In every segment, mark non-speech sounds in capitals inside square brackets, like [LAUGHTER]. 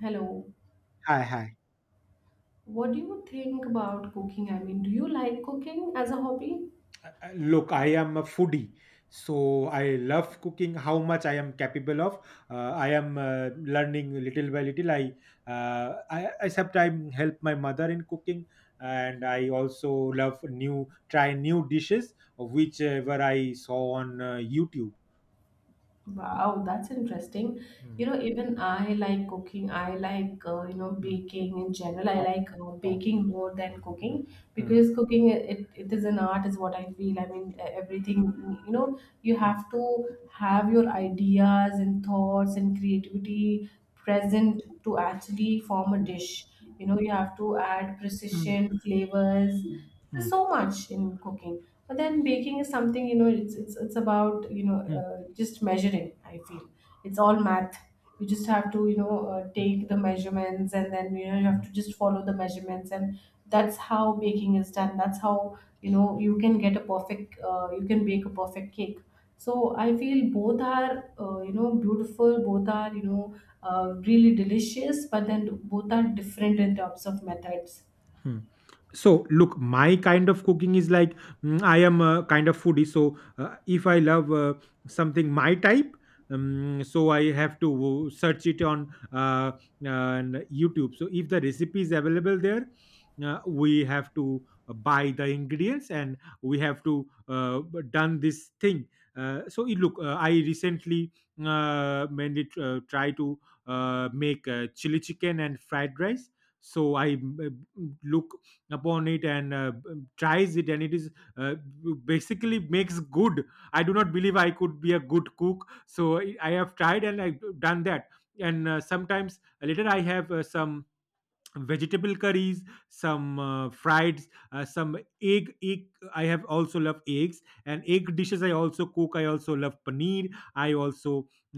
Hello. Hi, hi. What do you think about cooking? I mean, do you like cooking as a hobby? Look, I am a foodie, so I love cooking. How much I am capable of, I am learning little by little. I sometimes help my mother in cooking, and I also love new dishes, whichever I saw on YouTube. Wow, that's interesting. You Mm, know, even I like cooking. I like, mm. baking in general. I Oh, like oh. baking more than mm, cooking mm, because cooking, it is an art, is what I feel. I mean, everything, you have to have your ideas and thoughts and creativity present to actually form a dish. You know, you have to add mm, precision, flavors. There's mm, so much in cooking, but then baking is something. It's about mm, just measuring. I feel it's all math. You just have to take the measurements and then you have mm. to just follow the measurements and that's how baking is done. That's how you can get a perfect you can bake a perfect cake. So I feel both are beautiful. Both are really delicious, but then both are different in terms of methods. Hmm. So, look, my kind of cooking is like I am a kind of foodie. So, if I love something my type, so I have to search it on YouTube. So, if the recipe is available there, we have to buy the ingredients and we have to done this thing. Look, I recently mainly try to make chili chicken and fried rice, so I uh, look upon it and tries it and it is uh, basically makes good. I do not believe I could be a good cook, so I have tried and I've done that. And sometimes later I have some vegetable curries, some fried some egg. I have also love eggs and egg dishes. I also cook, I also love paneer. I also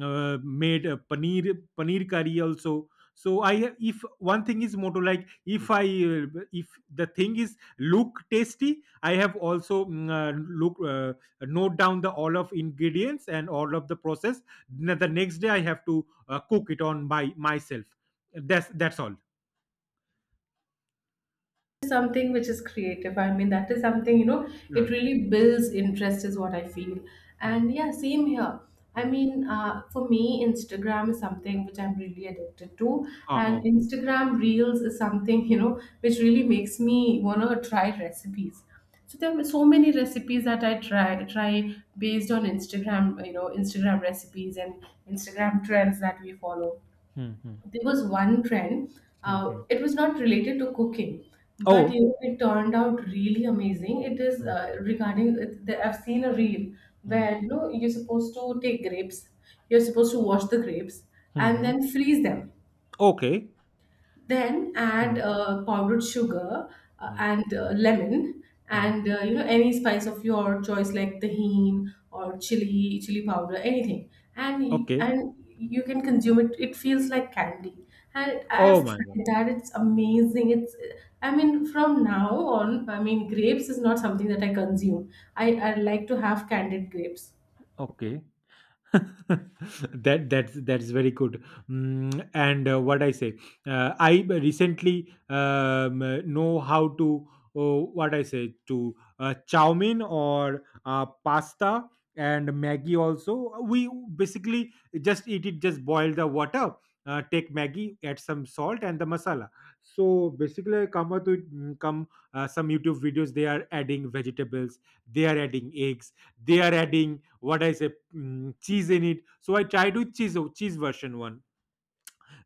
made a paneer curry also. So I, if one thing is motto, like if I uh, if the thing is look tasty, I have also look note down the all of ingredients and all of the process. The next day I have to cook it on by myself. That's Something which is creative. I mean, that is something, you know, it all. really builds interest, is what I feel. Hmm, And yeah, same here. I hmm. mean, for me, Instagram is something which I'm really addicted to. Ah, And oh. Instagram Reels is something, you know, which really makes me want to try recipes. So there were so many recipes that I try based on Instagram, you know, Instagram recipes and Instagram trends that we follow. Hmm, hmm, There was one trend. hmm, Uh, hmm. it was not related to cooking, but you Oh. know, it turned out really amazing. It is Hmm, regarding I've seen a reel hmm, where you're supposed to take grapes, you're supposed to wash the grapes hmm, and hmm. then freeze them. Okay. Then Hmm, add powdered sugar hmm, and lemon hmm. and any spice of your choice like tahini or chili, chili powder, anything. And y- Okay. and you can consume it. It feels like candy. And I've Oh my god. tried that. It's amazing. It's, I mean from now on, I mean grapes is not something that I consume. I like to have candied grapes. Okay. [LAUGHS] That's very good. And what I say, recently know how to, oh, what I say, to chow mein or pasta and maggie also. We basically just eat it, just boil the water, take maggie, add some salt and the masala. So basically I come out with mm, come some YouTube videos. They are adding vegetables, they are adding eggs, they are adding, what I say, cheese in it. So I tried with cheese version one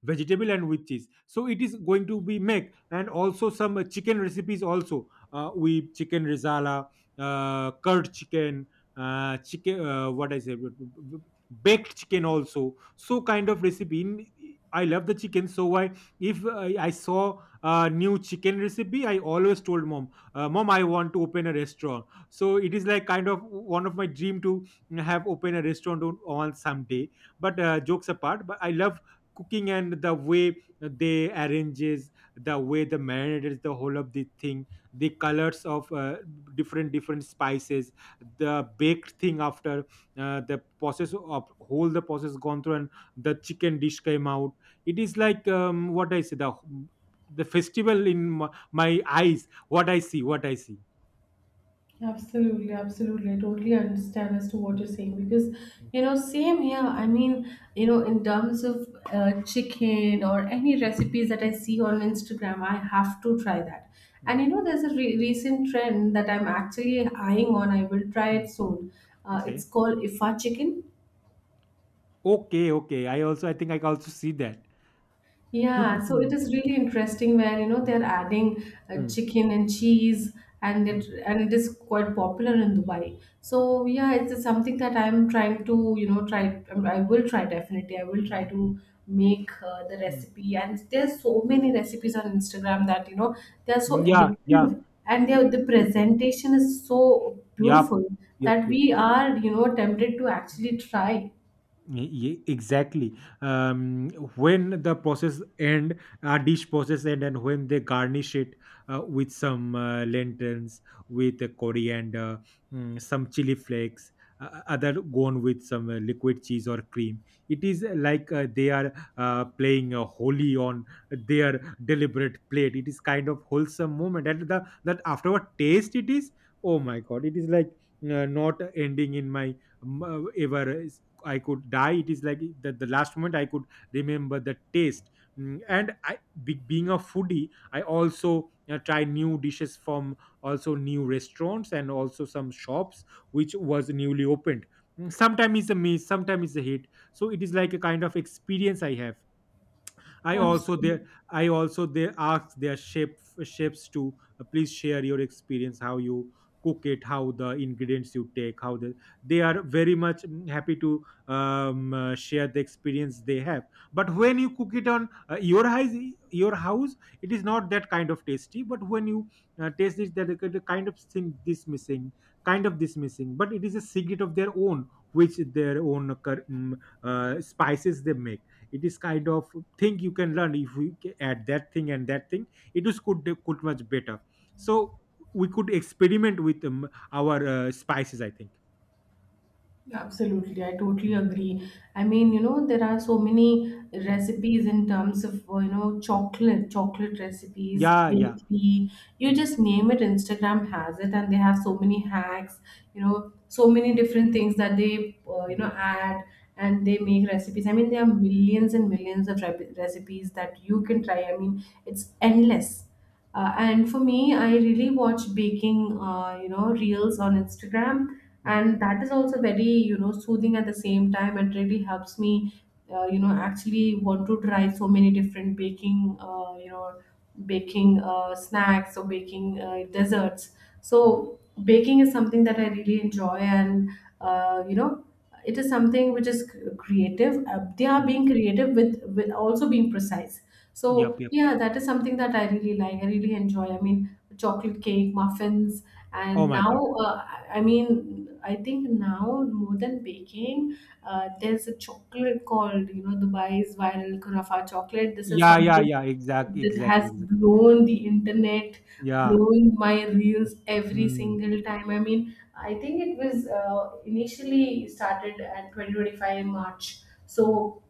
vegetable and with cheese, so it is going to be make. And also some chicken recipes also, we chicken risala, curd chicken, chicken, what I say b- b- baked chicken also. So kind of recipe in, I love the chicken. So I if I, I saw a new chicken recipe, I always told mom, mom, I want to open a restaurant. So it is like kind of one of my dream to have open a restaurant on someday. But jokes apart, but I love cooking and the way they arranges, the way the marinades, the whole of the thing, the colors of different different spices, the baked thing after the process of whole the process gone through, and the chicken dish came out. It is like what I say, the festival in my eyes, what I see, what I see. Absolutely, absolutely. I totally understand as to what you're saying because, Mm, you know, same here. I mean, you know, in terms of chicken or mm, any recipes that I see on Instagram, I have to try that. And, mm, you know, there's a recent trend that I'm actually eyeing on. I will try mm, it mm. soon. It's Okay, called Ifa chicken. okay, okay, I also, I think I can also see that. Yeah, [LAUGHS] so it Mm, is really interesting where mm, they're adding mm, chicken and cheese, and it mm, and it is quite popular in Dubai. So yeah, it's something that I'm trying to try. I mean, I will try definitely. I will try mm, to make the mm. recipe. And there's so many recipes on Instagram that they are so Hm, ja, ja. addictive, and J their the wirklich. presentation is so Ja. beautiful Jup, that jup. we are tempted to actually try. Yeah, exactly. um, when the process end, a dish process end, and when they garnish it with some lentils, with coriander, some chili flakes, other gone with some liquid cheese or cream, it is like they are playing holy on their deliberate plate. It is kind of wholesome moment. And the that afterward taste it is, oh my god, it is like not ending in my ever. I could die. It is like that the last moment I could remember the taste. And being a foodie, I also try new dishes from also new restaurants and also some shops which was newly opened. Sometimes it's a miss, sometimes it's a hit. So it is like a kind of experience I have. I also Absolutely. there I also they ask their chefs to, please share your experience, how you cook it, how the ingredients you take, how the they are very much, happy to share the experience they have. But when you cook it on your house, it is not that kind of tasty. But when you taste it, that the kind of thing this missing, kind of this missing, but it is a secret of their own, which their own spices they make. It is kind of thing you can learn. If we add that thing and that thing, it is could much better. So we could experiment with our spices, I think. Yeah, absolutely, I totally Mm. agree. I mean, you know, there are so many Mm, recipes in terms of, you know, chocolate, chocolate recipes, yeah, yeah. bakery. You mm, just name it, Instagram has it, and they have so many hacks, you know, so many mm, different things that they, you know, mm, add and they make recipes. I mean, there are millions and millions of rep recipes that you can try. I mean, it's endless. And for me, I really watch baking, you know, reels on Instagram, Mm, and that is also very, you know, soothing at the same time. It really helps me, you know, actually want to try so many different baking, you know, baking snacks or baking desserts. mm. So baking is something that I really enjoy, and you know, it is something which is creative. They are mm. being creative with also being precise, Yep, so yep. yeah, that is something that I really like. I really enjoy. I mean, chocolate cake, muffins, Oh and my god. now I mean, I think now more than baking, there's a chocolate called Dubai's viral Khurafa chocolate. This is Yeah, yeah, something yeah, that exactly, has exactly. blown the internet, yeah blown my reels every mm, single time. I mean, I think it was initially started at 2025 in March. Mm, So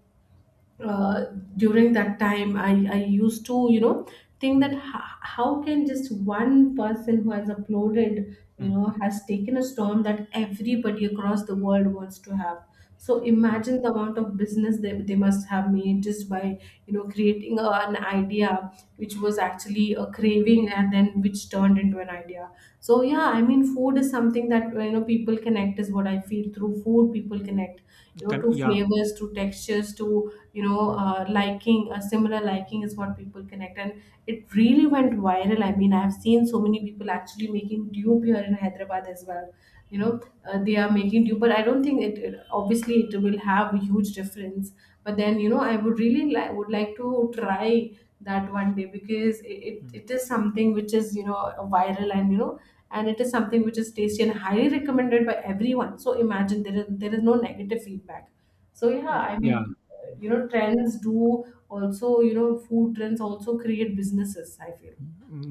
uh, during that time I used to think that mm, how can just one person who has uploaded mm, has taken a storm that everybody across the world wants to have, so yeah imagine the amount of business they must have made just by creating a, an idea which was actually a craving and then which turned into an idea. So yeah, I mean, food is something that people connect is what I feel through food. People connect, you know, to yeah. flavors, to textures, to mm, liking. A similar liking is what people connect, and it really went viral. I mean, I have seen so many people actually making dupe here in Hyderabad as well. You know, mm, they are making dupe, but I don't think it obviously it will have a huge difference. But then you know, I would really like to try that one day because it, it, mm. it is something which is viral and and it is something which is tasty and highly recommended by everyone, so imagine there is no negative feedback. So yeah, I Yeah. mean trends do also food trends also create businesses, I feel.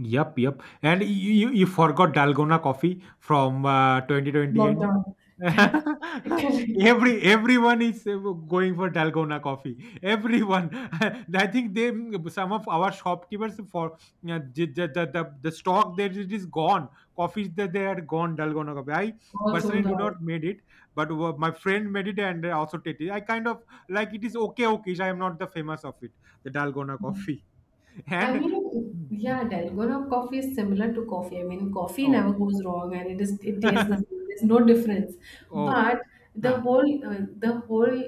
Yep, yep. And you forgot dalgona coffee from 2020 end. Lockdown. [LAUGHS] [LAUGHS] Correct. Everyone is going for dalgona coffee. Everyone, [LAUGHS] I think they, some of our shopkeepers for the stock that it is gone. Coffees that they are gone dalgona coffee. I Also personally do down. not made it, but my friend made it and also tasted it. I kind of like it is okay. Okay, I am not the famous of it. The dalgona coffee. [LAUGHS] I And. mean, Hmm, hmm. yeah, Dalgona coffee is similar to coffee. I mean, coffee never Oh. goes wrong, and it is it tastes the [LAUGHS] same. There's no difference. Oh. But the Huh. Whole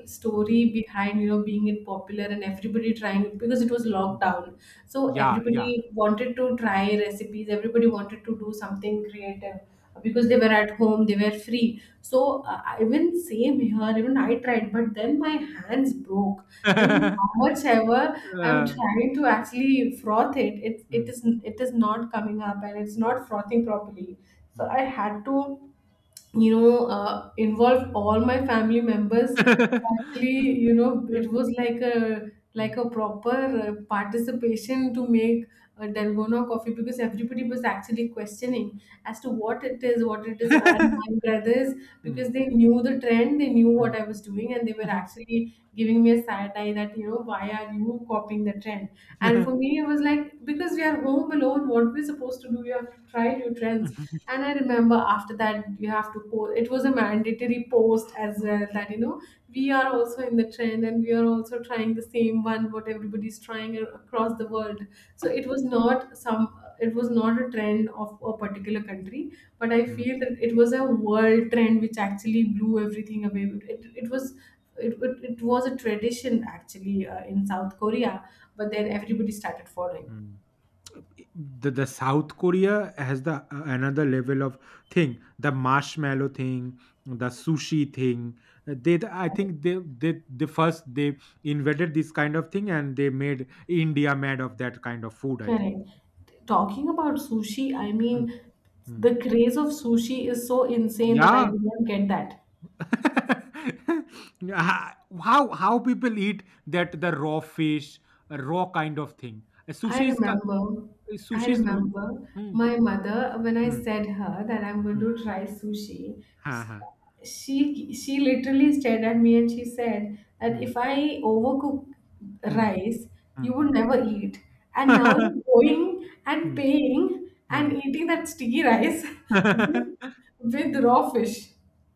Mm, story behind being it popular and everybody trying it because it was mm. lockdown, so Yeah, yeah. everybody wanted to try recipes. Everybody wanted to do something creative because they Mm. were at home, they were free, so even same here, even I tried but then my hands broke. I mean how [LAUGHS] much ever I'm Uh, trying to actually froth it, mm, is, it is not coming up and it's mm, not frothing properly, so I mm. had to, you know, involved all my family members. Actually, [LAUGHS] you know, it Mm. was like Mm, a proper participation to make a Dalgona coffee because everybody was actually questioning as to what it is, what it is. And my brothers, [LAUGHS] mm. because they knew the trend, they knew what Mm, I was doing, and they were [LAUGHS] actually giving me a side eye that why are you copying the trend? And for me, it was like because we are home alone, what we're supposed to do, you have to try new trends. And I remember after that, you have to post. It was a mandatory post as well that, you know, we are also in the trend and we are also trying the same one, what everybody's trying across the world. So it was not some, it was not a trend of a particular country, but I feel that it was a world trend which actually blew everything away. It was. It was a tradition actually in South Korea, but then everybody started following. mm. I, the South Korea has the a another level of thing, the marshmallow thing, the sushi thing. They the I think they first they invented this kind of thing, and they made India mad of that kind of food, I think. Correct. Talking about sushi, I Mm, mean, mm. the craze of sushi is so insane that I Yeah. did not get that. [LAUGHS] Yeah, how people eat that the raw fish, a raw kind of thing. A I sushi is ki- remember, I sushi is m- remember hmm, my mother when I hmm, said her that I'm going hmm. to try sushi. हाँ, हाँ, She literally stared at me and she said that hmm, if I overcook hmm, rice, you hmm, would hmm. never eat. And now you're [LAUGHS] going and Hmm, paying hmm. and eating that sticky rice [LAUGHS] with [LAUGHS] with raw fish.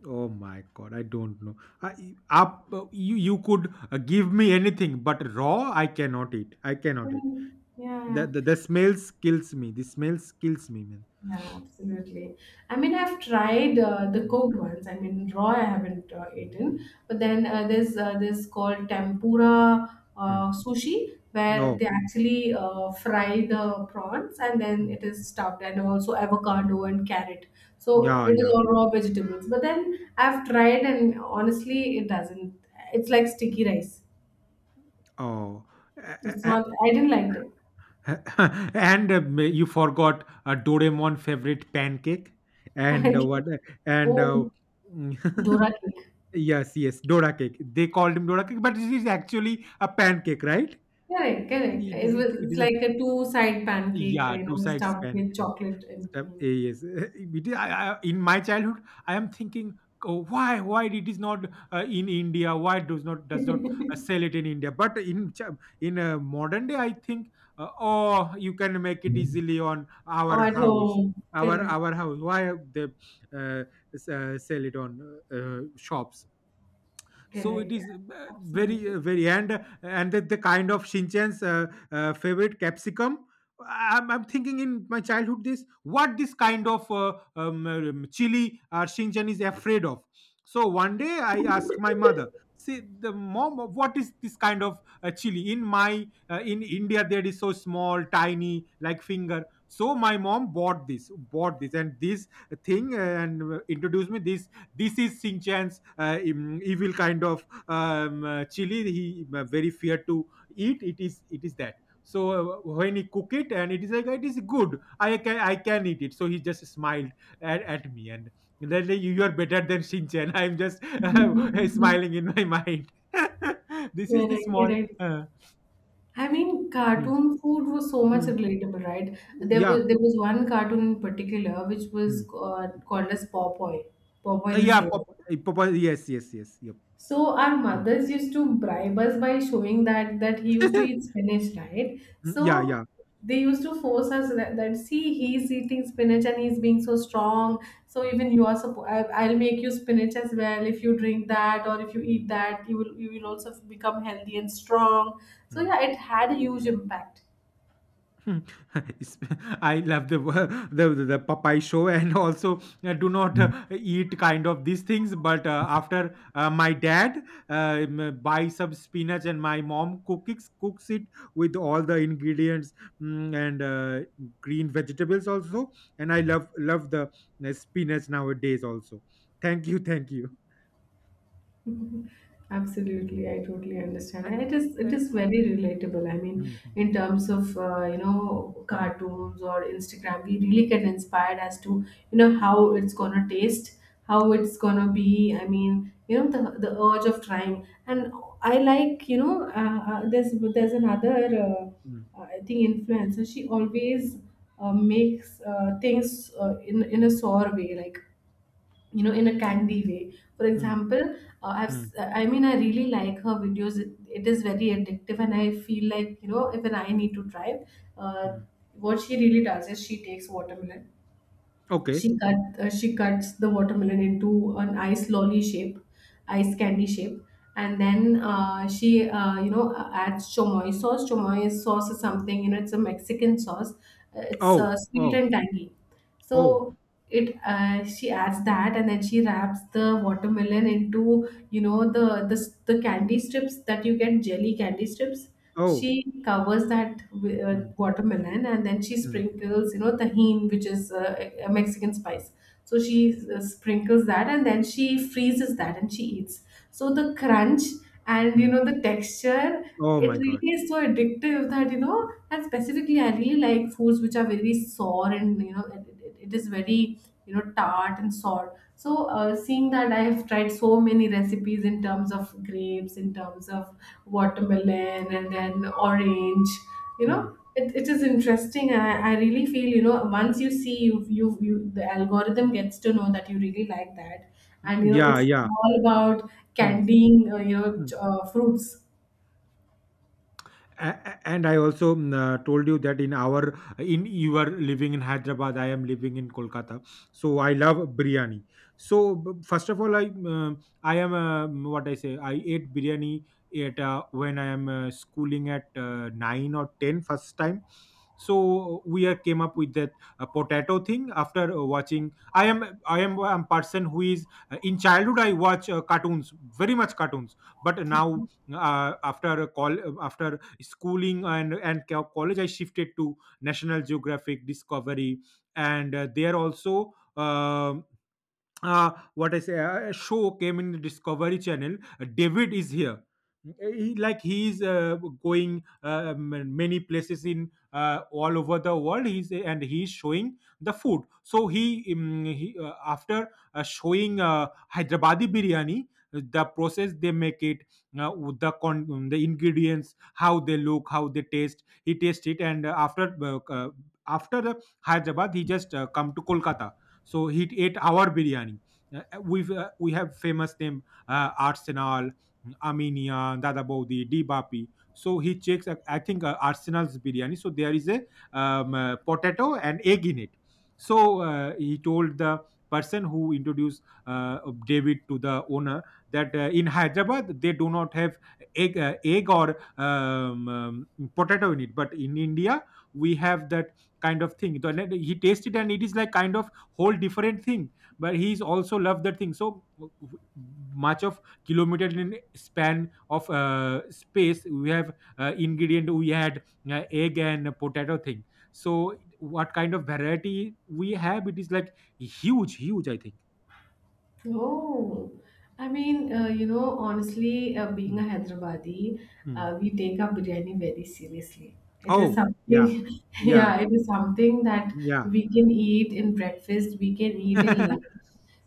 Oh my God, I don't know. You could give me anything, but raw I cannot eat. I cannot eat. Mm, yeah, The smells kills me. The smells kills me, man. yeah, absolutely. I mean, I've tried the Mm, cooked ones. I mean, raw I haven't eaten, mm, but then there's this called tempura mm. Sushi where Oh. they actually fry the prawns and then Hmm. it is stuffed and also avocado and carrot. So Yeah, it is yeah. all raw vegetables. But then I've tried and honestly, it doesn't. It's like sticky rice. Oh, a- It's a- not. I didn't like a- [LAUGHS] and you forgot a Doraemon favorite pancake and what it. [LAUGHS] And Oh, Dora [LAUGHS] cake. yes, yes, Dora cake. They called him Dora cake, but it is actually a pancake, right? Correct, correct. It It is. was It it's is. like a two-side pancake, Yeah, you two know, sides stuffed with pancake. chocolate and Step cream. A, yes. [LAUGHS] It is, in my childhood, I am thinking, oh, why it is not in India? Why does not sell it in India? But in ch- in modern day, I think, oh, you can make it easily on Or our at house, home. Correct, our house. Why they uh, sell it on shops? So it correct. Yeah, is absolutely. Very. And the kind of shinchan's favorite capsicum. I'm thinking in my childhood, this what this kind of chili or shinchan is afraid of. So one day I asked my mother, see the mom, what is this kind of chili. In my in India there is so small tiny like finger. So my mom bought this and this thing, and introduced me this, this is Singh Chan's evil kind of chili. He very feared to eat. It is that. So when he cook it and it is like it is good. I can eat it. So he just smiled at me and then you are better than Shin Chan. [LAUGHS] I'm just [LAUGHS] [LAUGHS] smiling in my mind. [LAUGHS] This is the Correct, small. correct. I mean, Hmm, cartoon food was so much hmm. relatable, right? There was Yeah. there was one cartoon in particular which was Hmm. Called as Popeye, Popeye the yeah. Sailor. Pop, yes. Yes. Yes. Yep. So our Hmm. mothers used to bribe us by showing that he used to eat [LAUGHS] spinach, right? Yeah. So Yeah. they used to force us that, that see he's eating spinach and he's being so strong. So Hmm, even you are supposed, I, I'll make you spinach as well. If you drink that or if you hmm, eat that, you will also become healthy and strong. So hmm. yeah, it had a huge impact. Hmm, [LAUGHS] it's, I love the [LAUGHS] the Popeye show, and [LAUGHS] also do not eat kind of these things. But after my dad buy some spinach, and my mom cooks it with all the ingredients, mm, and green vegetables also. And I love love the spinach nowadays also. Thank you, thank you. [LAUGHS] Absolutely, I totally understand, And, and it is it uh, is very relatable. I mean, mm, in terms of you know, mm, cartoons or Instagram, we really get inspired as to you know how it's gonna taste, how it's gonna be. I mean, you know the urge of trying, and I like there's another mm, mm, I think influencer. She always makes things in a sour way, like you know in a candy way, for mm, example. Mm, I mean, I really like her videos. It is very addictive, and I feel like you know even I need to try. uh, mm. what she really does is she takes watermelon. Okay. she cut she cuts the watermelon into an ice lolly shape, ice candy shape, and then she you know adds chomoy sauce. Chomoy sauce is something, you know, it's a Mexican sauce. It's Oh, sweet oh, and tangy, so oh, it she adds that and then she wraps the watermelon into you know the candy strips that you get, jelly candy strips. oh. She covers that Mm. watermelon, and then she Mm, sprinkles, you know, tahine, which is a Mexican spice. So she sprinkles that and then she freezes that and she eats. So the crunch and you mm. know the texture, Oh it my really god. is so addictive that you know, and specifically I really like foods which are very sour, and you know it is very you know tart and sour. So seeing that, I've tried so many recipes in terms of grapes, in terms of watermelon and then orange. You know, Mm. it is interesting, and I really feel, you know, once you see, you the algorithm gets to know that you really like that, and you Mm, know yeah, it's yeah. all about Mm, candying mm. Fruits. A- and I also told you that in our in you are living in Hyderabad, I am living in Kolkata, so I love biryani. So first of all, I mm, I am mm, what I say I ate biryani at when I am schooling at 9 or 10 first time. So we are came up with that potato thing after watching. i am I am a person who is, in childhood I watch cartoons, very much cartoons. But now after a call after schooling and college, I shifted to National Geographic, Discovery. And there also a show came in the Discovery Channel. David is here. He is going many places in all over the world. He's showing the food. So he after showing Hyderabadi biryani, the process they make it, with the the ingredients, how they look, how they taste. He tastes it, and uh, after the Hyderabad, he just come to Kolkata, so he ate our biryani. We have famous name, Arsenal, Aminia, Dada Bodhi, Dibapi. So he checks, I think, Arsenal's biryani. So there is a potato and egg in it. So he told the person who introduced uh, David to the owner that in Hyderabad they do not have egg, egg or potato in it, but in India we have that kind of thing. He tasted and it is like kind of whole different thing, but he's also loved that thing. So much of kilometer in span of space we have ingredient, we had egg and potato thing. So what kind of variety we have, it is like huge I think. Oh, I mean, you know, honestly, being a Mm, Hyderabadi, mm. We take our biryani very seriously. It is Oh, something, yeah, [LAUGHS] yeah, yeah, it is something that yeah. we can eat in breakfast, we can eat in lunch, [LAUGHS]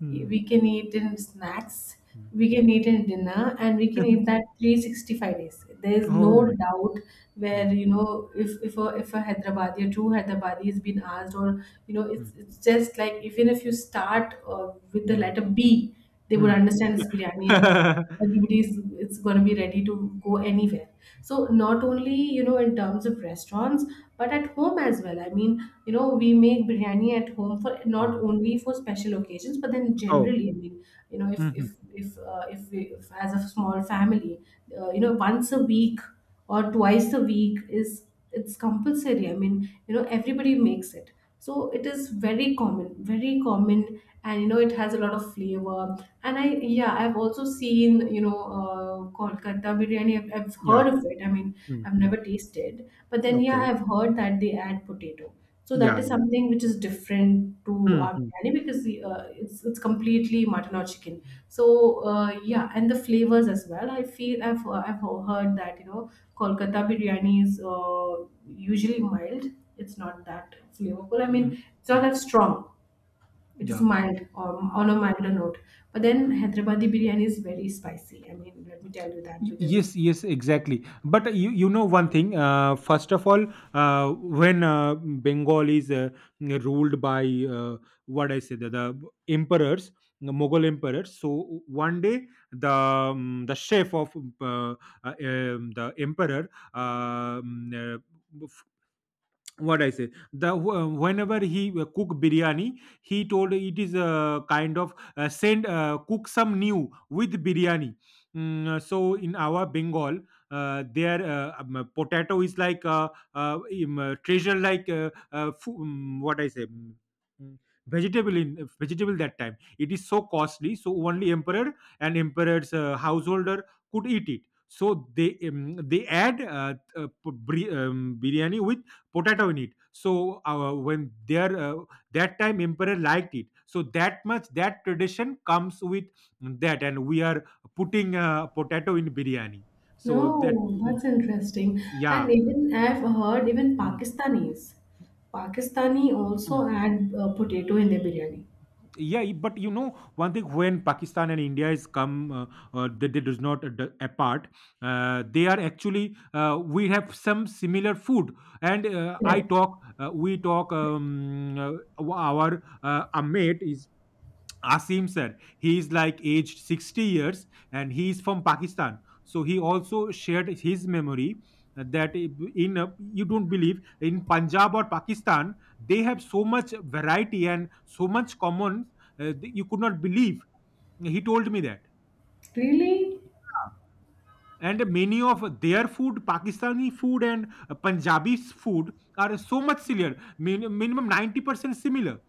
Mm, we can eat in snacks, mm. we can eat in dinner, and we can eat [LAUGHS] that 365 days, there is Oh no my. doubt. Where Mm, you know if if a Hyderabadi or two Hyderabadi has been asked, or you know mm, it's just like, even if you start with the mm, letter B, they would mm. understand it's biryani, and [LAUGHS] everybody's it's going to be ready to go anywhere. So not only you know in terms of restaurants, but at home as well. I mean, you know, we make biryani at home for not Mm. only for special occasions, but then Oh, generally. I mean, you know, mhm, if as a small family, you know, once a week or twice a week, is it's compulsory. I mean, you know, everybody makes it. So it is very common, very common. And you know it has a lot of flavor. And i yeah, I've also seen, you know, Kolkata biryani. I've yeah. heard of it. I mean, I've Mm-hmm. never tasted, but then yeah, Okay. I've heard that they add potato. So that Yeah, is yeah. something which is different to Mm, our mm, biryani, because it's completely mutton or chicken. So yeah, and the flavors as well. I feel I've heard that you know Kolkata biryani is usually mild. It's not that flavorful. I mean, mm, it's not mm. that strong. It is Yeah. mild, on a milder note. But then Hyderabadi biryani is very spicy. I mean, let me tell you that, Y- because it's Yes, yes, exactly. But you know one thing. First of all, when Bengal is ruled by what I say, the emperors, the Mughal emperors. So one day, the chef of uh, uh, the emperor, um, uh, what I say. The wh- whenever he cook biryani, he told it is a kind of, send cook some new with biryani. So in our Bengal, their potato is like treasure, like fu- what I say. Mm, mm, vegetable, in vegetable that time, it is so costly, so only emperor and emperor's householder could eat it. So they add biryani with potato in it. So when there that time emperor liked it so that much that tradition comes with that, and we are putting potato in biryani. So that. No, Mm, that's interesting. yeah. And even I've heard even Mm, Pakistanis, Pakistani also mm. add potato in their biryani. Yeah, but you know one thing, when Pakistan and India is come, they does not apart. They are actually, we have some similar food. And I Right? talk we talk, our a mate is Asim sir, he is like aged 60 years and he is from Pakistan. So he also shared his memory that in you don't believe, in Punjab or Pakistan they have so much variety and so much common, uh, you could not believe. He told me that. Really? And many of their food, Pakistani food and Punjabi's food are so much similar, minimum 90% similar.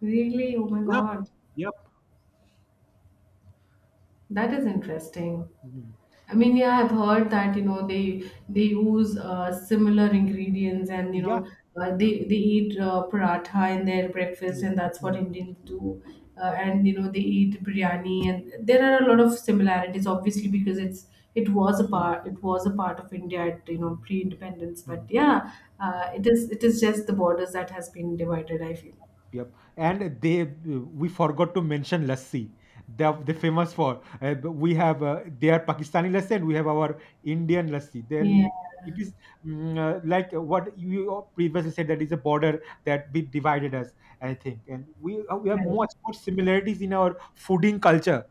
Really? Oh my Yep, God. yep. That is interesting. Mm. I mean, yeah, I've heard that you know they use similar ingredients, and you Yeah, know uh, yeah. they they eat paratha in their breakfast, Mm, and that's what mm, Indians do. And you know they eat biryani, and there are a lot of similarities obviously, because it's it was a mm, part it was a part of India at you know mm. pre-independence. But Mm. yeah, it is just the borders that has been divided, I feel. Yep, and they we forgot to mention lassi. They're they famous for. We have their Pakistani lassi, and we have our Indian lassi. Yeah, Then it is like what you previously said, that is a border that we divided us, I think. And we have correct. much more similarities in our fooding culture.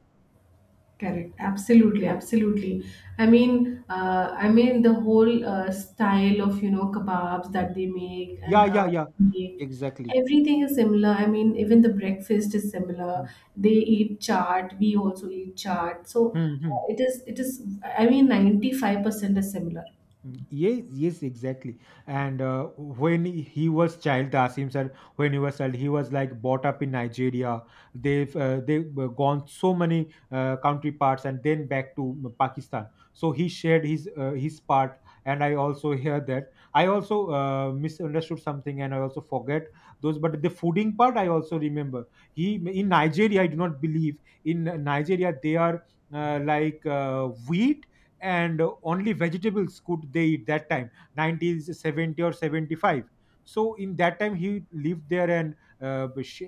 Correct. Absolutely, absolutely. I mean the whole style of you know kebabs that they make, and Yeah, yeah, yeah. make Exactly. everything is similar. I mean, even the breakfast is similar. They eat chaat. We also eat chaat. So Mm-hmm. It is. It is. I mean, 95% is similar. Mm, yes, yes, exactly. And when he was child, Tasim sir, when he was child, he was like brought up in Nigeria. They've gone so many country parts and then back to mm, Pakistan. So he shared his part, and I also [LAUGHS] hear that I also misunderstood something, and I also forget those. But the fooding part, I also remember. He In Nigeria, I do not believe, in Nigeria they are like wheat and only vegetables could they eat that time, 90s, 70 or 75. So in that time he lived there and, uh, sh-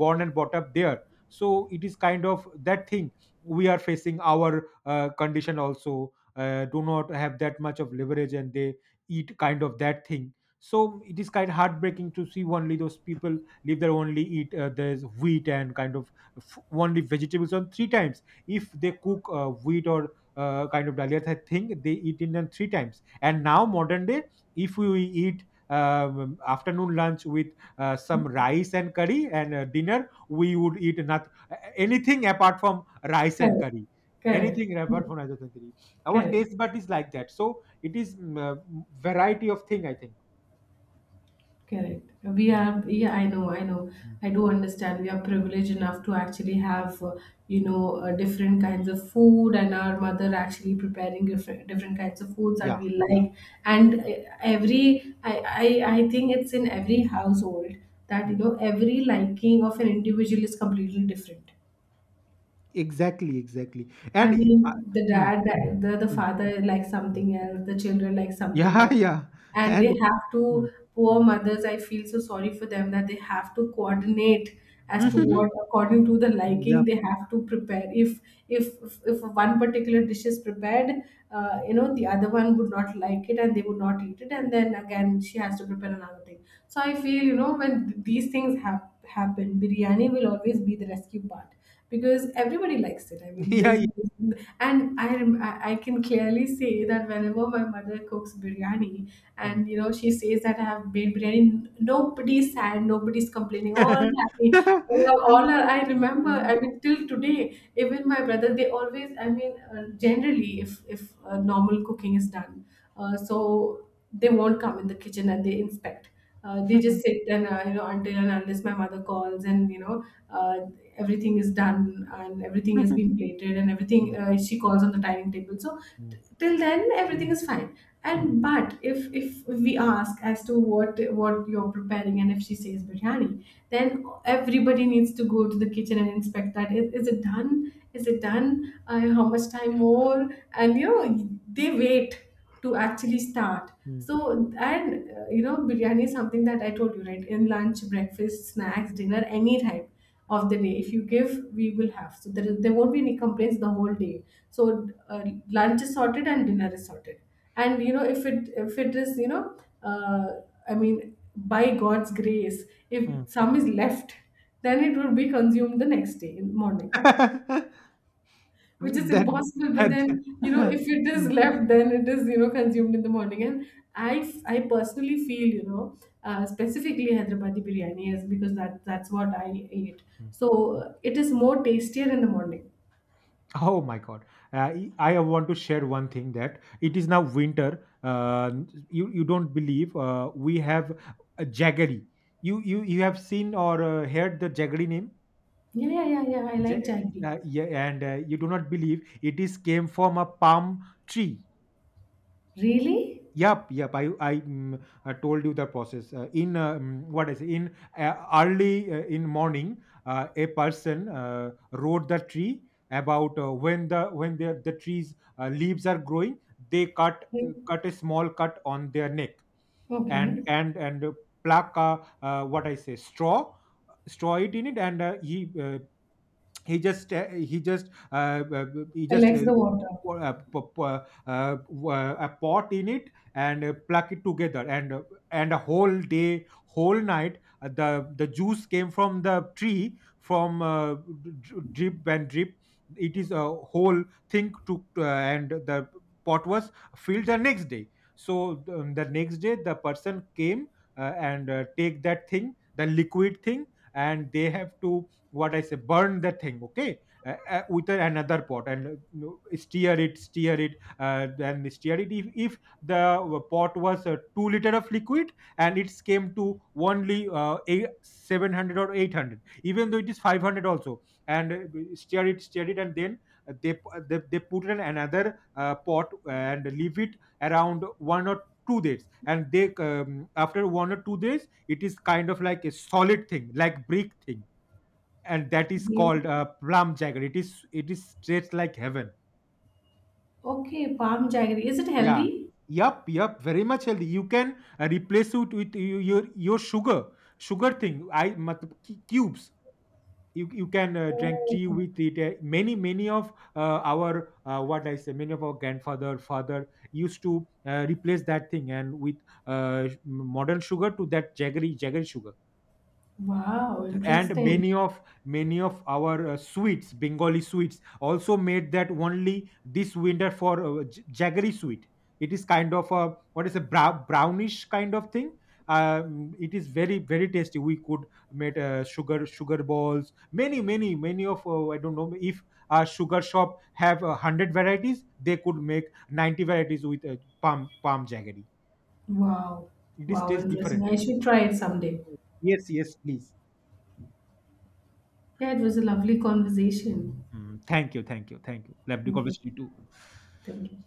born and brought up there. So it is kind of that thing, we are facing our condition also, do not have that much of leverage, and they eat kind of that thing. So it is kind of heartbreaking to see only those people live there, only eat, there's wheat and kind of only vegetables on three times. If they cook wheat or kind of dahlias, I think they eat Indian three times. And now modern day, if we eat afternoon lunch with some rice and curry, and dinner we would eat not anything apart from rice and Correct. curry. Correct. Anything apart Correct. from rice and curry. Our Correct. taste bud is like that. So it is variety of thing, I think. Correct. We Mm, have, yeah, I know, I know. mm, I do understand. We are privileged enough to actually have, you mm. know, different kinds of food, and our mother actually preparing different, different kinds of foods that Yeah, we yeah. like. And every, I think it's in every household that, you Mm. know, every liking of an individual is completely different. Exactly, exactly. I And mean, the mm, dad, the mm, father likes mm. something else, the children like something Yeah, [LAUGHS] else. yeah. And they And have to, mm, poor mm. mothers, I feel so sorry for them that they have to coordinate as to what, according to the liking, [LAUGHS] they yeah. have to prepare. If one particular dish is prepared, you know, the other one would not like it, and they would not eat it. And then again, she has to prepare another thing. So I feel, you know, when these things have happen, biryani will always be the rescue part, because everybody likes it. I [LAUGHS] mean, Yeah, there's yeah. and I rem- I can clearly say that whenever my mother cooks biryani, Mm. and you know she says that I have made biryani, nobody's sad, nobody's complaining, all [LAUGHS] happy, all are. I remember. Mm. I mean, till today, even my brother, they always. I mean, generally, if normal cooking is done, so they won't come in the kitchen and they inspect. They just sit, and you know, until and unless my mother calls, and you know uh, everything is done, and everything has [LAUGHS] been plated, and everything Yeah. She calls on the dining table. So Mm. till then everything is fine. Mm. And but if we ask as to what you're preparing, and if she says biryani, then everybody needs to go to the kitchen and inspect that is it done? Is it done? How much time more? And you know they wait to actually start. Mm. So, and you know, biryani is something that I told you, right? In lunch, breakfast, snacks, dinner, any time of the day. If you give, we will have. So, there won't be any complaints the whole day. So, lunch is sorted and dinner is sorted. And you know, if it is, you know, uh, I mean, by God's grace, Mm. if some is left, then it would be consumed the next day in morning, [LAUGHS] which is That impossible. But had then [LAUGHS] you know Mm. if it is left, then it is, you know, consumed in the morning, and i I personally feel, you know, specifically Hyderabadi biryani is, because that's what I ate. Mm. So it is more tastier in the morning. Oh my God. I want to share one thing, that it is now winter. You don't believe, we have a jaggery. You have seen or heard the jaggery name? Yeah, yeah, yeah, yeah, I Ja- like jaggery. Yeah, and you do not believe it is came from a palm tree. Really? Yep, yep. I told you the process. In mm, what is in Early in morning, a person wrote the tree about when the trees leaves are growing. They cut, Like, cut a small cut on their neck, and okay, pluck, what I say straw, straw it in it, and he just he just he I just like the water. pour- p- p- uh, a pot in it, and pluck it together, and a whole day, whole night, the juice came from the tree from, drip and drip. It is a whole thing to, and the pot was filled the next day. So the next day the person came, and take that thing, the liquid thing, and they have to, what I say, burn the thing, okay, with another pot, and no, stir it, stir it, then stir it. If the pot was 2 liter of liquid and it came to only eight, 700 or 800, even though it is 500 also, and stir it, stir it, and then, they put it in another pot and leave it around one or two days. And they after one or two days, it is kind of like a solid thing, like brick thing, and that is Really? called plum jagger. It is, it is straight like heaven. Okay, palm jaggery, is it healthy? Yeah. Yup, yup, very much healthy. You can replace it with your sugar, sugar thing. I matlab, cubes. You can drink Oh, tea with it. Many many of our, what I say, many of our grandfather, father used to replace that thing and with modern sugar to that jaggery, jaggery sugar. wow, And interesting. many of our sweets, Bengali sweets, also made that. Only this winter for jaggery sweet, it is kind of a, what is a, brownish kind of thing. It is very very tasty. We could make sugar, sugar balls. Many many of, I don't know if a sugar shop have a 100 varieties, they could make 90 varieties with palm jaggery. Wow, It is wow, tastes interesting. different. I should try it someday. Yes, yes, please. Yeah, it was a lovely conversation. Mm, thank you, thank you, thank you. Lovely Thank you. conversation too. Thank you.